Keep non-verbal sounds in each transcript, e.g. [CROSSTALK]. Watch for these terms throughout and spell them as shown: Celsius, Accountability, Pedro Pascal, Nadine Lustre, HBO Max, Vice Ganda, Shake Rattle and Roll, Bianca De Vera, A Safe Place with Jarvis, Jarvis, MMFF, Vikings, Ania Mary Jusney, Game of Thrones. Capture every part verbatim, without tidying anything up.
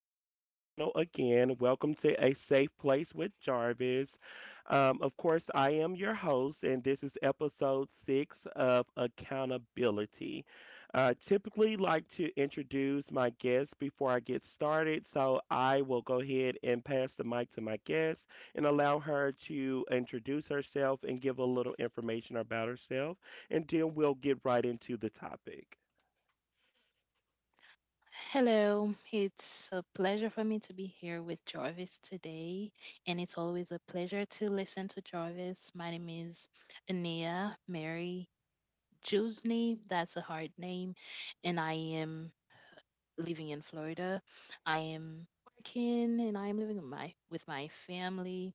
joining my channel again. Welcome to A Safe Place with Jarvis. Um, of course, I am your host, and this is episode six of Accountability. I typically like to introduce my guests before I get started, so I will go ahead and pass the mic to my guest and allow her to introduce herself and give a little information about herself, and then we'll get right into the topic. Hello. It's a pleasure for me to be here with Jarvis today. And it's always a pleasure to listen to Jarvis. My name is Ania Mary Jusney. That's a hard name. And I am living in Florida. I am working and I am living with my with my family.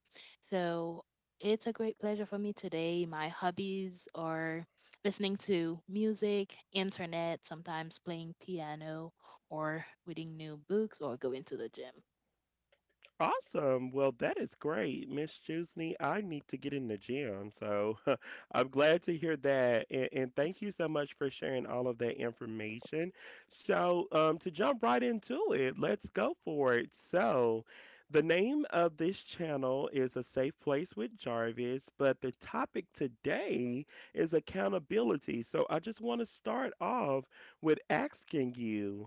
So it's a great pleasure for me today. My hobbies are listening to music, internet, sometimes playing piano or reading new books or going to the gym. Awesome. Well, that is great, Miss Chusney. I need to get in the gym. So [LAUGHS] I'm glad to hear that. And, and thank you so much for sharing all of that information. So, um, to jump right into it, let's go for it. So, the name of this channel is A Safe Place with Jarvis, but the topic today is accountability. So, I just want to start off with asking you.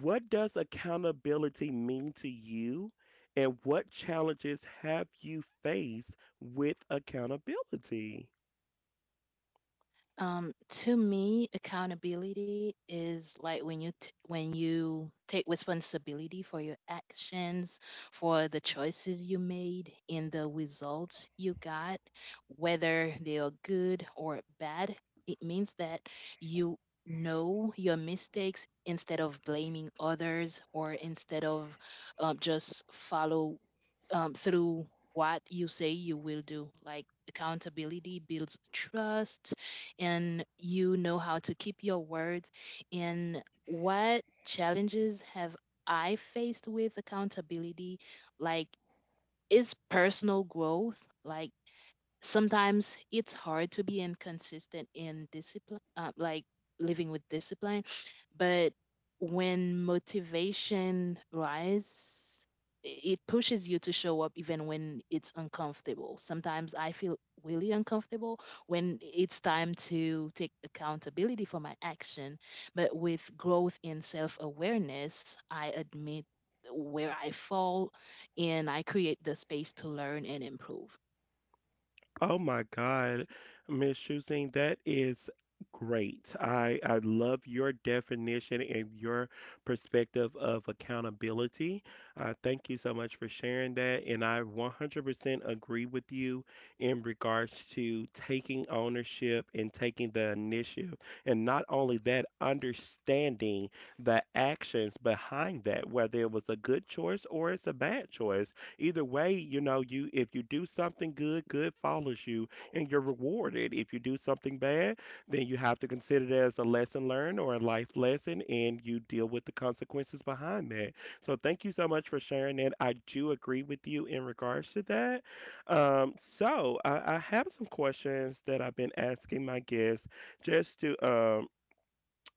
What does accountability mean to you, and what challenges have you faced with accountability? Um, to me, accountability is like when you t- when you take responsibility for your actions, for the choices you made, and the results you got, whether they are good or bad. It means that you know your mistakes instead of blaming others or instead of um, just follow um, through what you say you will do. Like accountability builds trust and you know how to keep your words. And what challenges have I faced with accountability? Like, is personal growth. Like, sometimes it's hard to be inconsistent in discipline, uh, like living with discipline. But when motivation rises, it pushes you to show up even when it's uncomfortable. Sometimes I feel really uncomfortable when it's time to take accountability for my action. But with growth in self awareness, I admit where I fall and I create the space to learn and improve. Oh my God, Miss Choosing, that is great. I I love your definition and your perspective of accountability. Uh, thank you so much for sharing that, and I one hundred percent agree with you in regards to taking ownership and taking the initiative, and not only that, understanding the actions behind that, whether it was a good choice or it's a bad choice. Either way, you know, you, if you do something good, good follows you and you're rewarded. If you do something bad, then you have to consider it as a lesson learned or a life lesson and you deal with the consequences behind that. So thank you so much for sharing that. I do agree with you in regards to that. Um, so I, I have some questions that I've been asking my guests just to um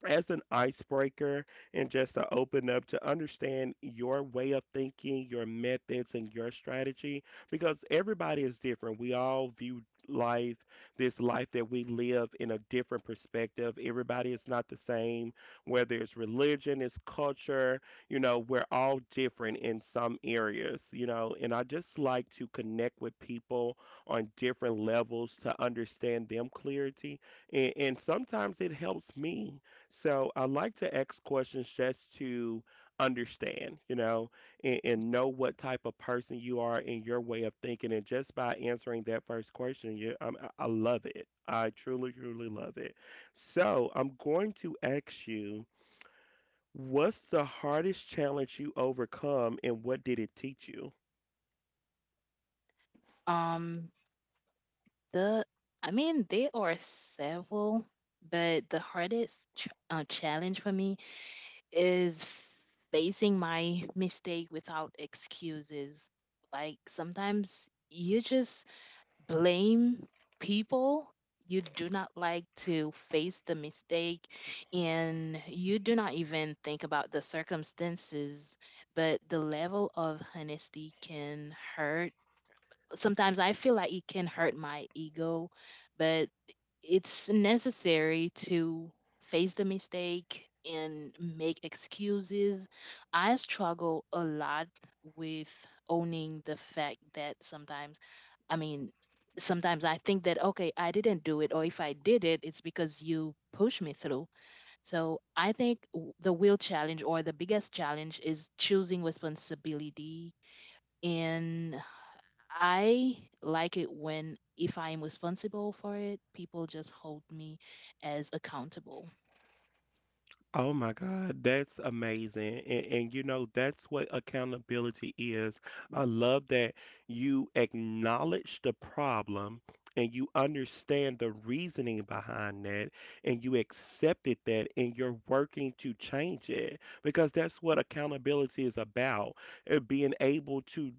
as an icebreaker and just to open up to understand your way of thinking, your methods, and your strategy because everybody is different. We all view life, this life that we live, in a different perspective. Everybody is not the same, whether it's religion, it's culture, you know, we're all different in some areas, you know, and I just like to connect with people on different levels to understand them clarity, and, and sometimes it helps me, so I like to ask questions just to understand, you know, and, and know what type of person you are and your way of thinking. And just by answering that first question, you, um, I, I love it. I truly, truly love it. So I'm going to ask you, what's the hardest challenge you overcome, and what did it teach you? Um, The, I mean, there are several, but the hardest ch- uh, challenge for me is facing my mistake without excuses. Like sometimes you just blame people. You do not like to face the mistake, and you do not even think about the circumstances. But the level of honesty can hurt, sometimes I feel like it can hurt my ego, but it's necessary to face the mistake and make excuses. I struggle a lot with owning the fact that sometimes, I mean, sometimes I think that, okay, I didn't do it, or if I did it, it's because you pushed me through. So I think w- the real challenge or the biggest challenge is choosing responsibility. And I like it when if I am responsible for it, people just hold me as accountable. Oh my God, that's amazing. And, and you know, that's what accountability is. I love that you acknowledge the problem and you understand the reasoning behind that and you accepted that and you're working to change it because that's what accountability is about, uh, being able to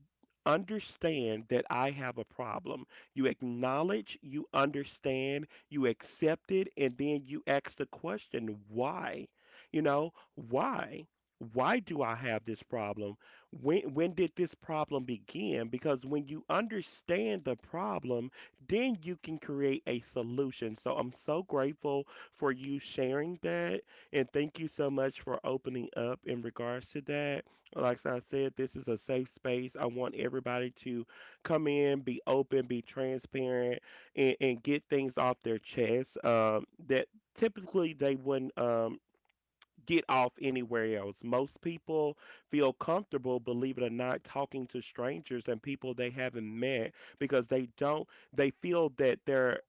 understand that I have a problem. You acknowledge, you understand, you accept it, and then you ask the question, why? You know, why? Why do I have this problem? When when did this problem begin? Because when you understand the problem, then you can create a solution. So I'm so grateful for you sharing that and thank you so much for opening up in regards to that. Like I said, this is a safe space. I want everybody to come in, be open, be transparent, and, and get things off their chest, um, that typically they wouldn't um, get off anywhere else. Most people feel comfortable, believe it or not, talking to strangers and people they haven't met because they don't, they feel that they're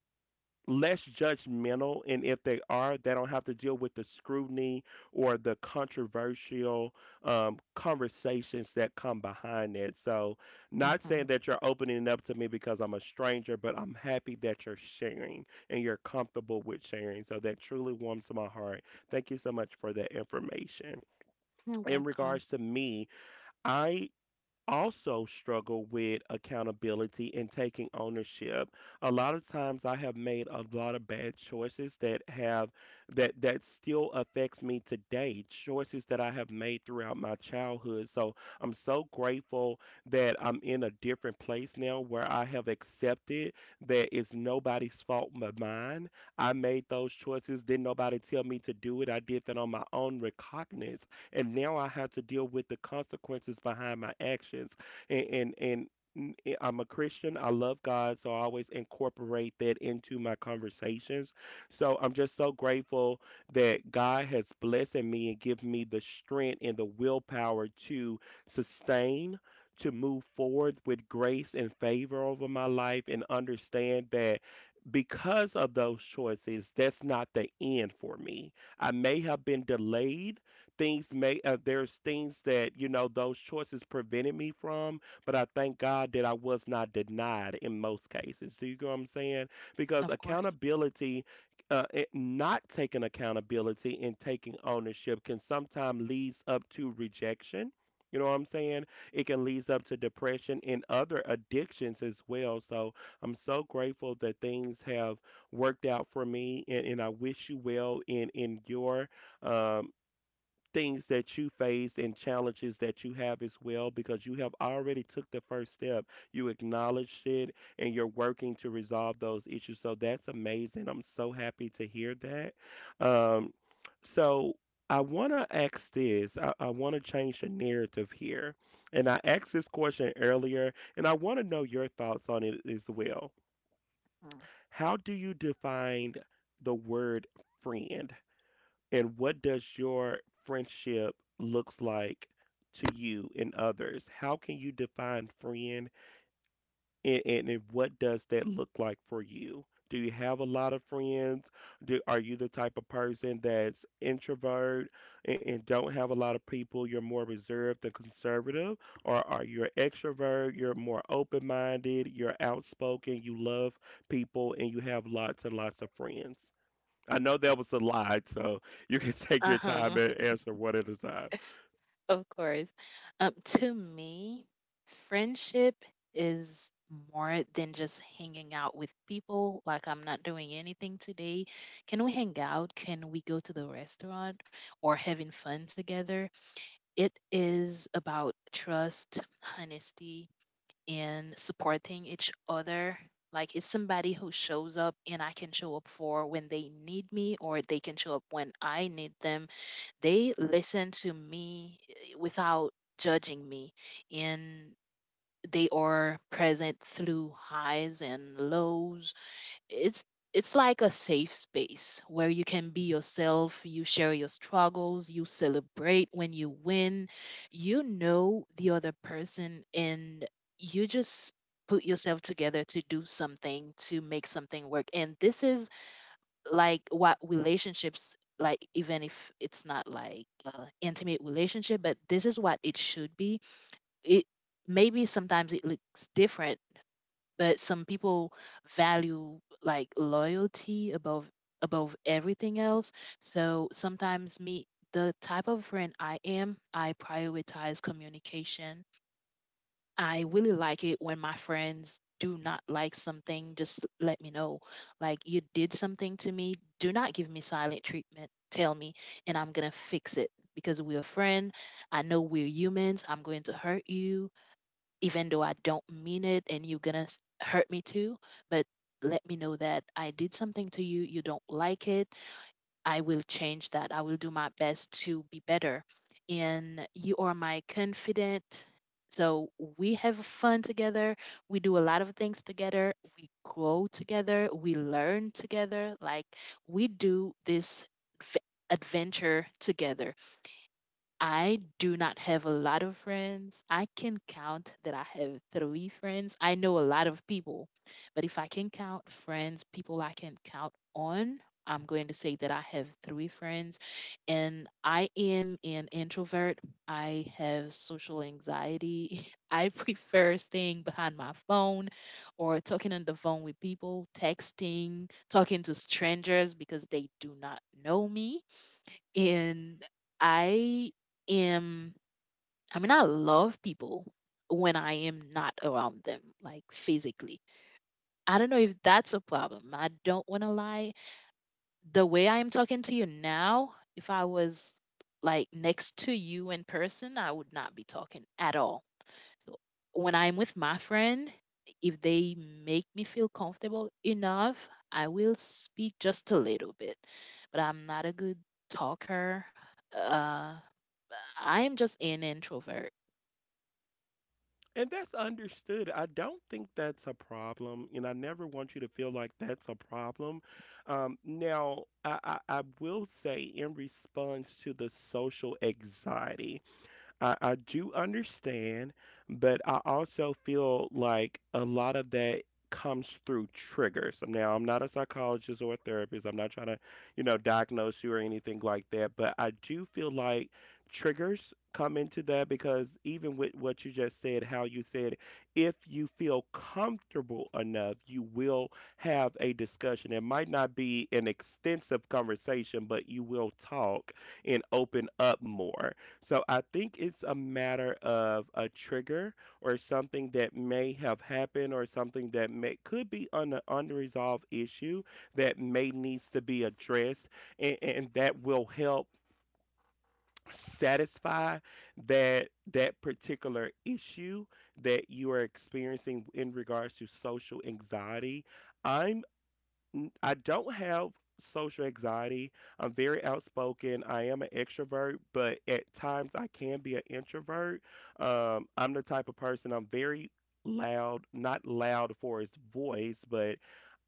less judgmental, and if they are, they don't have to deal with the scrutiny or the controversial, um, conversations that come behind it. So, not Hmm. saying that you're opening up to me because I'm a stranger, but I'm happy that you're sharing and you're comfortable with sharing, so that truly warms my heart. Thank you so much for that information. You're In welcome. regards to me, I also struggle with accountability and taking ownership. A lot of times I have made a lot of bad choices that have, that that still affects me today, choices that I have made throughout my childhood. So I'm so grateful that I'm in a different place now where I have accepted that it's nobody's fault but mine. I made those choices, didn't nobody tell me to do it. I did that on my own recognizance, and now I have to deal with the consequences behind my actions. And and, and n- eh, I'm a Christian. I love God, so I always incorporate that into my conversations. So I'm just so grateful that God has blessed me and given me the strength and the willpower to sustain, to move forward with grace and favor over my life, and understand that because of those choices, that's not the end for me. I may have been delayed, things may uh, there's things that, you know, those choices prevented me from, but I thank God that I was not denied in most cases. Do you get what I'm saying? Because Of course. accountability, uh, it- not taking accountability and taking ownership can sometimes leads up to rejection. You know what I'm saying? It can leads up to depression and other addictions as well. So I'm so grateful that things have worked out for me, and, and I wish you well in in your, um, things that you face and challenges that you have as well, because you have already took the first step. You acknowledged it and you're working to resolve those issues, so that's amazing. I'm so happy to hear that. Um, so i want to ask this. i, I want to change the narrative here, and I asked this question earlier and I want to know your thoughts on it as well. Mm. How do you define the word friend, and what does your friendship looks like to you and others? How can you define friend, and, and, and what does that look like for you? Do you have a lot of friends? Do, are you the type of person that's introvert, and, and don't have a lot of people? You're more reserved and conservative? Or are you an extrovert? You're more open minded, you're outspoken, you love people, and you have lots and lots of friends? I know that was a lie, so you can [LAUGHS] take your Uh-huh. time and [LAUGHS] answer one at a time. Of course. Um, to me, friendship is more than just hanging out with people. Like I'm not doing anything today. Can we hang out? Can we go to the restaurant or having fun together? It is about trust, honesty, and supporting each other. Like it's somebody who shows up and I can show up for when they need me or they can show up when I need them. They listen to me eh, without judging me and they are present through highs and lows. it's it's like a safe space where you can be yourself, you share your struggles, you celebrate when you win, you know the other person and you just put yourself together to do something to make something work. And this is like what relationships, like even if it's not like uh, intimate relationship, but this is what it should be. It maybe sometimes it looks different, but some people value like loyalty above above everything else. So sometimes me, the type of friend I am, I prioritize communication. I really like it when my friends do not like something, just let me know. Like you did something to me, do not give me silent treatment, tell me, and I'm going to fix it because we're a friend. I know we're humans, I'm going to hurt you even though I don't mean it, and you're gonna s- hurt me too, but let me know that I did something to you, you don't like it. I will change that. I will do my best to be better. And you are my confidant. So we have fun together. We do a lot of things together. We grow together. We learn together. Like we do this v- adventure together. I do not have a lot of friends. I can count that I have three friends. I know a lot of people, but if I can count friends, people I can count on, I'm going to say that I have three friends. And I am an introvert. I have social anxiety. [LAUGHS] I prefer staying behind my phone or talking on the phone with people, texting, talking to strangers because they do not know me and I am I mean I love people when I am not around them like physically. I don't know if that's a problem. I don't want to lie. The way I am talking to you now, if I was like next to you in person, I would not be talking at all. When I'm with my friend, if they make me feel comfortable enough, I will speak just a little bit. But I'm not a good talker. Uh, I'm just an introvert. And that's understood. I don't think that's a problem, and I never want you to feel like that's a problem. Um, now, I, I, I will say, in response to the social anxiety, I, I do understand, but I also feel like a lot of that comes through triggers. Now, I'm not a psychologist or a therapist. I'm not trying to, you know, diagnose you or anything like that, but I do feel like triggers come into that because even with what you just said, how you said, if you feel comfortable enough, you will have a discussion. It might not be an extensive conversation, but you will talk and open up more. So I think it's a matter of a trigger or something that may have happened or something that may could be an unresolved issue that may needs to be addressed, and, and that will help satisfy that that particular issue that you are experiencing in regards to social anxiety. I'm N- I don't have social anxiety. I'm very outspoken. I am an extrovert, but at times I can be an introvert. Um, I'm the type of person, I'm very loud, not loud for his voice, but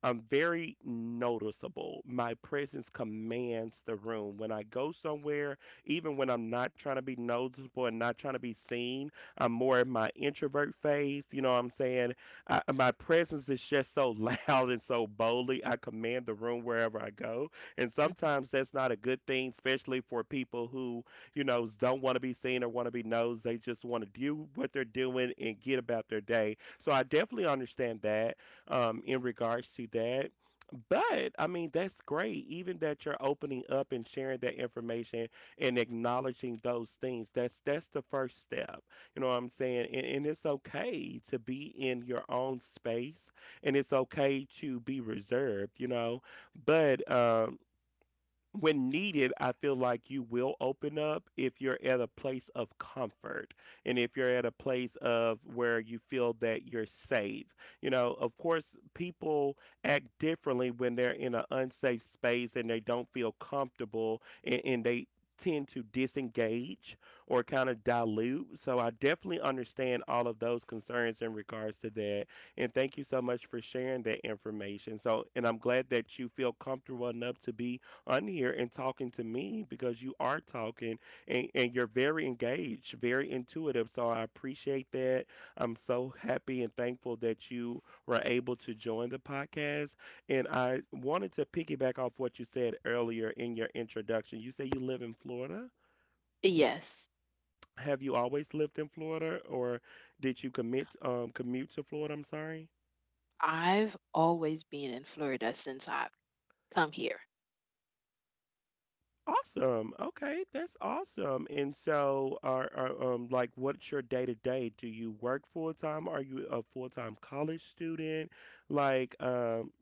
I'm very noticeable. My presence commands the room. When I go somewhere, even when I'm not trying to be noticeable and not trying to be seen, I'm more in my introvert phase. You know what I'm saying? I, my presence is just so [LAUGHS] loud and so boldly. I command the room wherever I go. And Mhm. sometimes that's not a good thing, especially for people who, you know, don't want to be seen or want to be noticed. They just want to do what they're doing and get about their day. So I definitely understand that, um, in regards to that. But I mean, that's great. Even that you're opening up and sharing that information and acknowledging those things. That's that's the first step. You know what I'm saying? And, and it's okay to be in your own space, and it's okay to be reserved. You know, but um when needed, I feel like you will open up if you're at a place of comfort and if you're at a place of where you feel that you're safe. You know, of course, people act differently when they're in an unsafe space and they don't feel comfortable, and, and they tend to disengage or kind of dilute. So I definitely understand all of those concerns in regards to that. And thank you so much for sharing that information. So, and I'm glad that you feel comfortable enough to be on here and talking to me because you are talking and, and you're very engaged, very intuitive. So I appreciate that. I'm so happy and thankful that you were able to join the podcast. And I wanted to piggyback off what you said earlier in your introduction. You say you live in Florida. Yes, Have you always lived in Florida or did you commit um commute to Florida? I'm sorry. I've always been in Florida since I've come here. Awesome. Okay, that's awesome. And so, are, are um like what's your day to day? Do you work full time? Are you a full time college student? Like, um,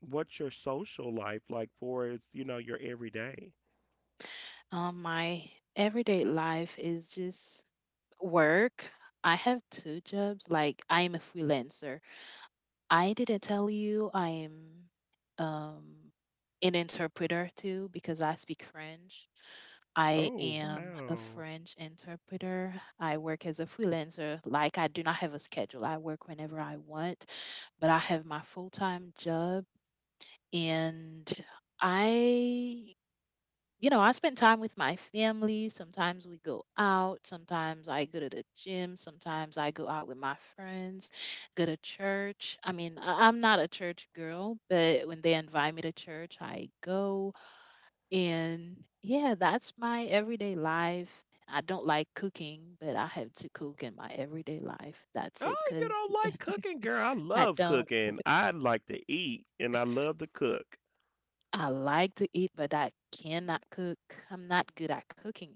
what's your social life like for is, you know, your everyday? Um, my everyday life is just work. I have two jobs. Like, I'm a freelancer. I didn't tell you I am um, an interpreter too because I speak French. I Oh, am a wow. French interpreter. I work as a freelancer. Like, I do not have a schedule. I work whenever I want, but I have my full time job and I you know, I spend time with my family. Sometimes we go out. Sometimes I go to the gym. Sometimes I go out with my friends, go to church. I mean, I- I'm not a church girl, but when they invite me to church, I go. And yeah, that's my everyday life. I don't like cooking, but I have to cook in my everyday life. That's it. Oh, you Cause don't like cooking, girl. I I love don't, cooking. I like to eat and I love to cook. I like to eat, but I cannot cook. I'm not good at cooking.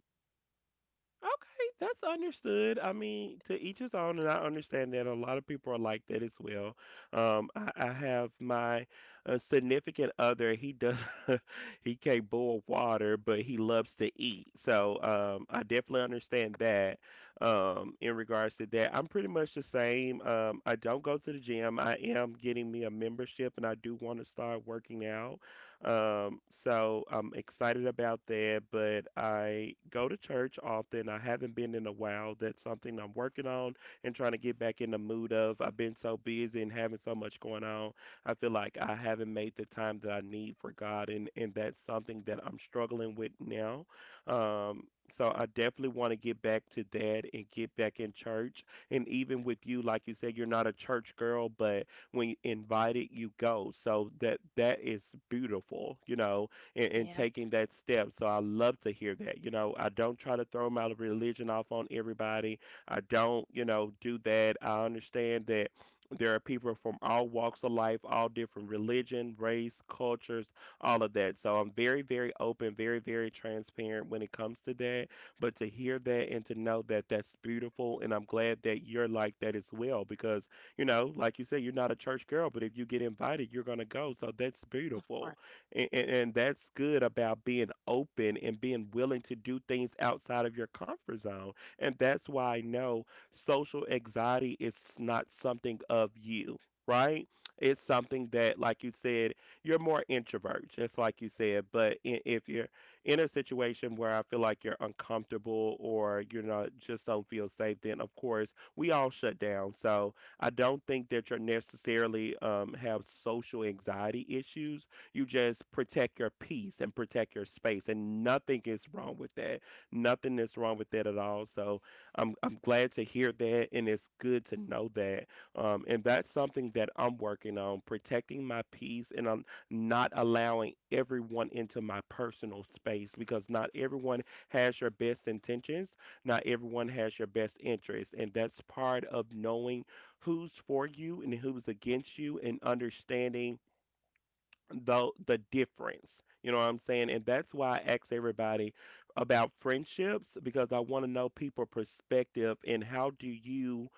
Okay, that's understood. I mean, to each his own, and I understand that a lot of people are like that as well. Um, I, I have my uh, significant other. He does [LAUGHS] he can't boil water, but he loves to eat. So um, I definitely understand that. Um, in regards to that, I'm pretty much the same. Um, I don't go to the gym. I am getting me a membership, and I do want to start working out. Um, so I'm excited about that, but I go to church often. I haven't been in a while. That's something I'm working on and trying to get back in the mood of. I've been so busy and having so much going on. I feel like I haven't made the time that I need for God, and, and that's something that I'm struggling with now. Um, so I definitely want to get back to that and get back in church. And even with you, like you said, you're not a church girl, but when invited you go, so that that is beautiful, you know, and, and Yeah, taking that step. So I love to hear that. You know, I don't try to throw my religion off on everybody. I don't, you know, do that. I understand that there are people from all walks of life, all different religion, race, cultures, all of that. So I'm very, very open, very, very transparent when it comes to that, but to hear that and to know that, that's beautiful, and I'm glad that you're like that as well, because you know, like you said, you're not a church girl, but if you get invited, you're gonna go. So that's of beautiful, course. and, and, and that's good about being open and being willing to do things outside of your comfort zone. And that's why I know social anxiety is not something of you. Right? It's something that, like you said, you're more introvert, just like you said. But i- if you're in a situation where I feel like you're uncomfortable or you're not just don't feel safe, then of course we all shut down. So I don't think that you're necessarily um, have social anxiety issues. You just protect your peace and protect your space, and nothing is wrong with that. Nothing is wrong with that at all. So I'm I'm glad to hear that, and it's good to know that. Um, and that's something that I'm working on, protecting my peace, and I'm not allowing everyone into my personal space because not everyone has your best intentions, not everyone has your best interests, and that's part of knowing who's for you and who's against you and understanding the the difference. You know what I'm saying? And that's why I ask everybody about friendships because I want to know people perspective and how do you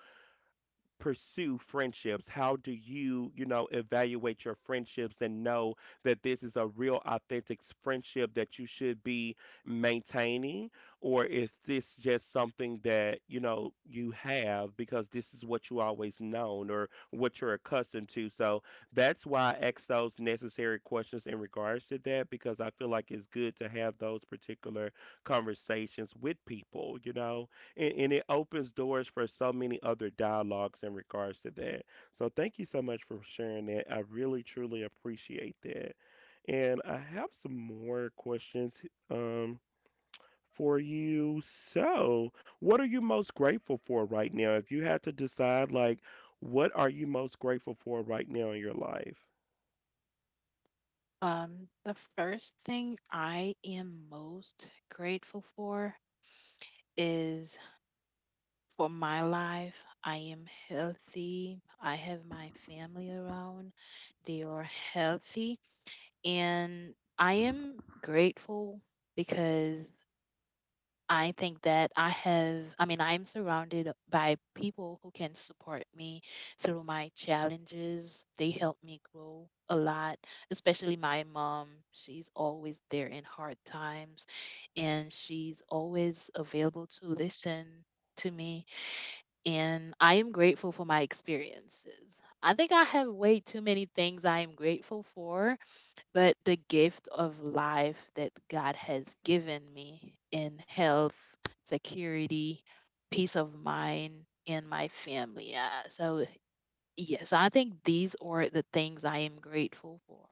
pursue friendships? How do you, you know, evaluate your friendships and know that this is a real, authentic s- friendship that you should be maintaining? Or is this just something that, you know, you have because this is what you always known or what you're accustomed to? So that's why I ask those necessary questions in regards to that because I feel like it's good to have those particular conversations with people, you know? and, and it opens doors for so many other dialogues in regards to that. So thank you so much for sharing that. I really truly appreciate that. And I have some more questions um for you. So, what are you most grateful for right now? If you had to decide, like what are you most grateful for right now in your life? Um, the first thing I am most grateful for is for my life. I am healthy. I have my family around. They are healthy. And I am grateful because I think that I have, I mean, I'm surrounded by people who can support me through my challenges. They help me grow a lot, especially my mom. She's always there in hard times and she's always available to listen to me and I am grateful for my experiences. I think I have way too many things I am grateful for, but the gift of life that God has given me in health, security, peace of mind, and my family. Uh, so, yes, I think these are the things I am grateful for.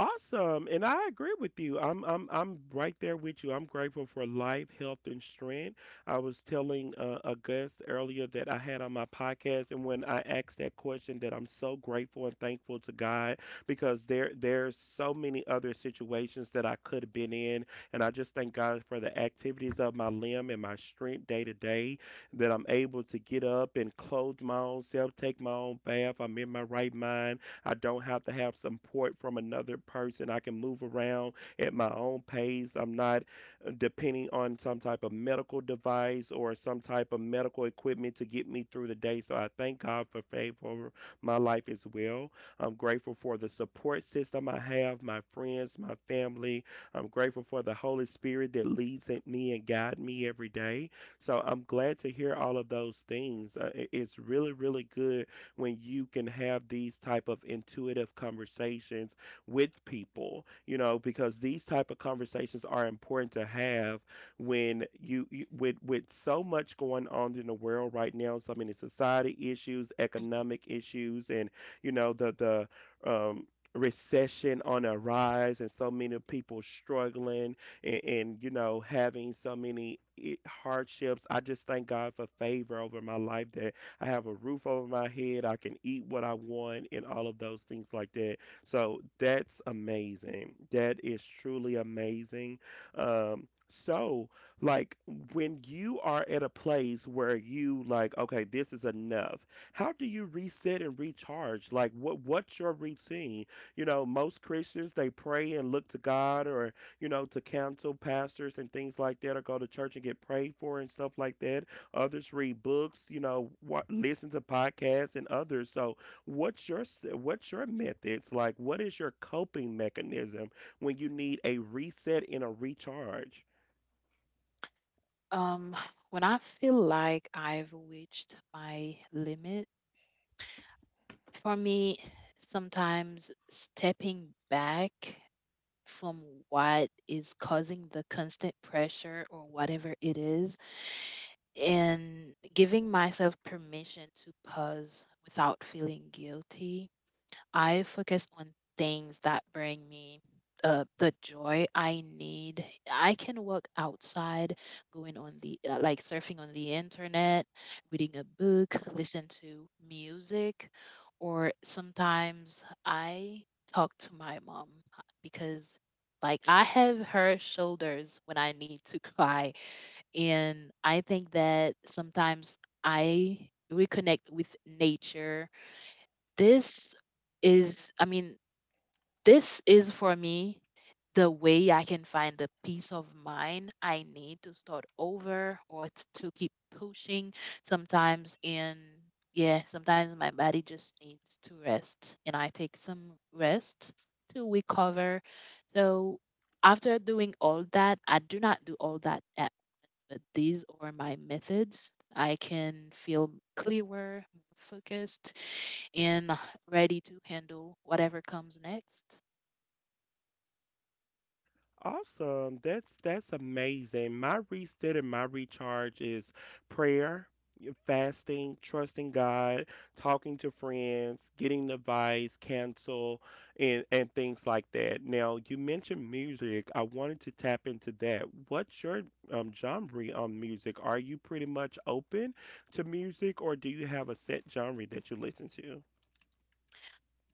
Awesome. And I agree with you. I'm I'm I'm right there with you. I'm grateful for life, health, and strength. I was telling uh, a guest earlier that I had on my podcast, and when I asked that question, that I'm so grateful and thankful to God because there there's so many other situations that I could have been in, and I just thank God for the activities of my limb and my strength day to day, that I'm able to get up and clothe my own self, take my own bath. I'm in my right mind. I don't have to have support from another person. I can move around at my own pace. I'm not uh, depending on some type of medical device or some type of medical equipment to get me through the day. So I thank God for favor over my life as well. I'm grateful for the support system I have, my friends, my family. I'm grateful for the Holy Spirit that leads me and guides me every day. So I'm glad to hear all of those things. Uh, it- It's really, really good when you can have these type of intuitive conversations with people, you know, because these type of conversations are important to have when you, you with with so much going on in the world right now. So I mean, it's society issues, Mhm. economic issues, and you know, the the um recession on a rise, and so many people struggling, and, and you know, having so many i- hardships. I just thank God for favor over my life, that I have a roof over my head. I can eat what I want and all of those things like that. So that's amazing. That is truly amazing. Um, so, like, when you are at a place where you like, okay, this is enough. How do you reset and recharge? Like, what what's your routine? You know, most Christians they pray and look to God, or you know, to counsel pastors and things like that, or go to church and get prayed for and stuff like that. Others read books, you know, wa listen to podcasts and others. So, what's your s- what's your methods? Like, what is your coping mechanism when you need a reset and a recharge? Um, when I feel like I've reached my limit, for me, sometimes stepping back from what is causing the constant pressure or whatever it is, and giving myself permission to pause without feeling guilty, I focus on things that bring me uh, the joy I need. I can work outside, going on the uh, like surfing on the internet, reading a book, listen to music, or sometimes I talk to my mom uh, because like I have her shoulders when I need to cry, and I think that sometimes I reconnect with nature. This is, I mean, this is for me the way I can find the peace of mind I need to start over or t- to keep pushing sometimes. And yeah, sometimes my body just needs to rest, and I take some rest to recover. So after doing all that, I do not do all that, but these are my methods. I can feel clearer, more focused, and ready to handle whatever comes next. Awesome. That's that's amazing. My reset and my recharge is prayer, y- fasting, trusting God, talking to friends, getting advice, cancel, and and things like that. Now, you mentioned music. I wanted to tap into that. What's your um genre on music? Are you pretty much open to music or do you have a set genre that you listen to?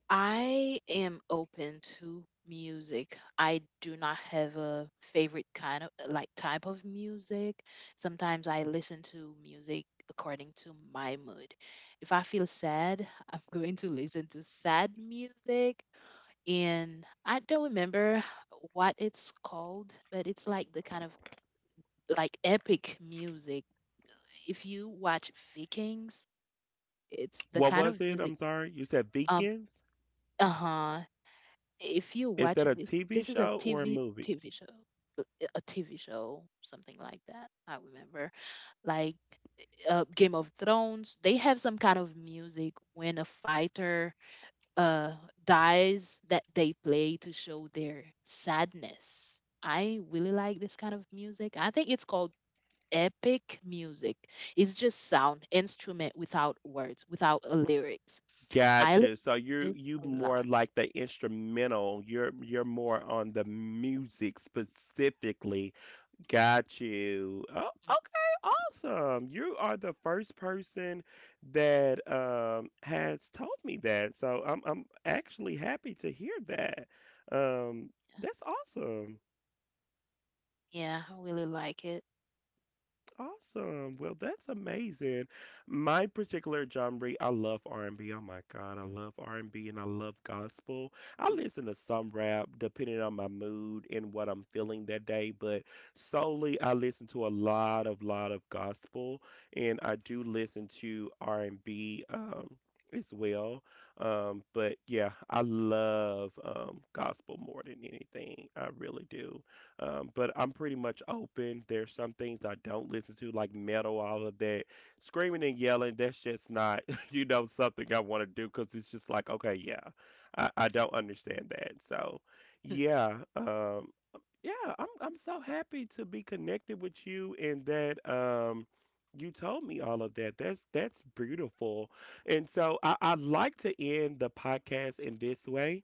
I am open to music. I do not have a favorite kind of like type of music. Sometimes I listen to music according to my mood. If I feel sad, I'm [LAUGHS] going to listen to sad music. And I don't remember what it's called, but it's like the kind of like epic music. If you watch Vikings, it's the What kind of was it? music. I'm sorry. You said Um, Vikings? uh huh if you Is watch that a this, T V this is a show or a tv movie? TV show. Uh, uh, a TV show, something like that. I remember like, uh, Game of Thrones, they have some kind of music when a fighter uh dies that they play to show their sadness. I really like this kind of music. I think it's called epic music. It's just sound instrument without words, without uh, lyrics. I listen Gotcha. So to you this you a more lot. like the instrumental. You're you're more on the music specifically. Got you. Oh, okay, awesome. You are the first person that um has told me that. So I'm I'm actually happy to hear that. Um, that's awesome. Yeah, I really like it. Awesome. Well, that's amazing. My particular genre, I love R and B. Oh my God, I love R and B and B and I love gospel. I listen to some rap depending on my mood and what I'm feeling that day, but solely I listen to a lot of lot of gospel and I do listen to R and B um as well. Um but yeah, I love um gospel more than anything. I really do. Um, but I'm pretty much open. There's some things I don't listen to, like metal, all of that. Screaming and yelling, that's just not, [LAUGHS] you know, something I want to do because it's just like, okay, yeah, I, I don't understand that. So, Mm, yeah, um, yeah, I'm I'm so happy to be connected with you and that um, you told me all of that. That's that's beautiful. And so I, I like to end the podcast in this way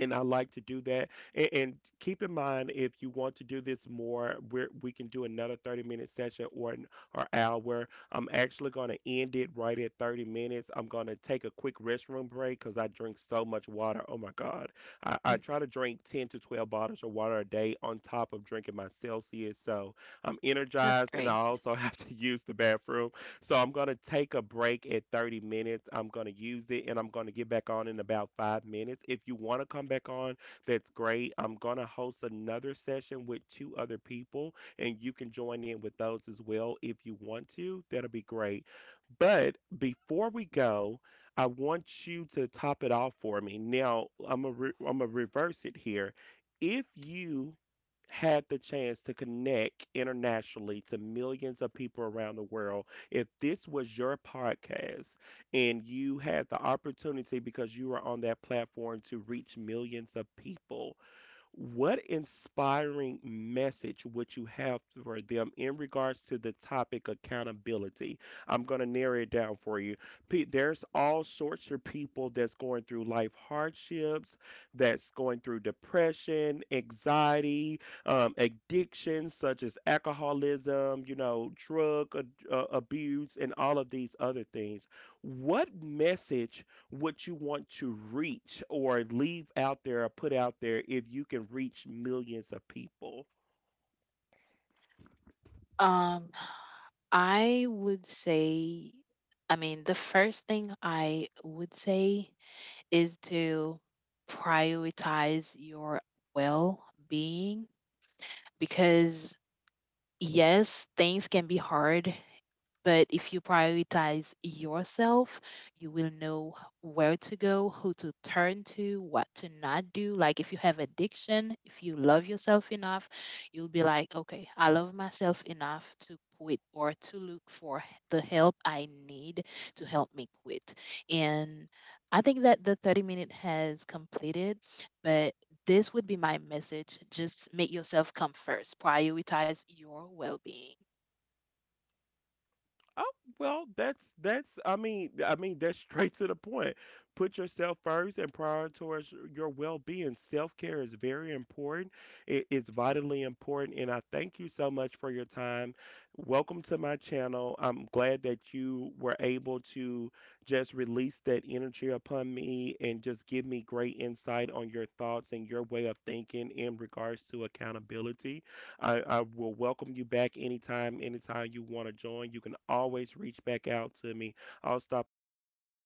and I like to do that. And, and keep in mind, if you want to do this more, we we can do another thirty minute session or an or hour. I'm actually going to end it right at thirty minutes. I'm going to take a quick restroom break because I drink so much water. Oh my God. I, mhm, I try to drink ten to twelve bottles of water a day on top of drinking my Celsius. So I'm that's energized and great. I also [LAUGHS] have to use the bathroom. So I'm going to take a break at thirty minutes. I'm going to use it and I'm going to get back on in about five minutes. If you want to come back on, that's great. I'm going to host another session with two other people and you can join in with those as well if you want to. That'll be great. But before we go, I want you to top it off for me. Now, I'm going to re- I'm going to reverse it here. If you had the chance to connect internationally to millions of people around the world, if this was your podcast and you had the opportunity because you were on that platform to reach millions of people, what inspiring message would you have for them in regards to the topic accountability? I'm going to narrow it down for you. Pe- There's all sorts of people that's going through life hardships, that's going through depression, anxiety, um, addictions such as alcoholism, you know, drug ad- uh, abuse, and all of these other things. What message? What you want to reach or leave out there or put out there if you can reach millions of people? Um, I would say, I mean, the first thing I would say is to prioritize your well being because, yes, things can be hard. But if you prioritize yourself, you will know where to go, who to turn to, what to not do. Like if you have addiction, if you love yourself enough, you'll be like, okay, I love myself enough to quit or to look for the help I need to help me quit. And I think that the thirty minute has completed, but this would be my message. Just make yourself come first, prioritize your well being. Oh, well, that's that's I mean, I mean that's straight to the point. Put yourself first and prioritize your well-being. Self-care is very important. It is vitally important and I thank you so much for your time. Welcome to my channel. I'm glad that you were able to just release that energy upon me and just give me great insight on your thoughts and your way of thinking in regards to accountability. I, I will welcome you back anytime, anytime you want to join. You can always reach back out to me. I'll stop the recording.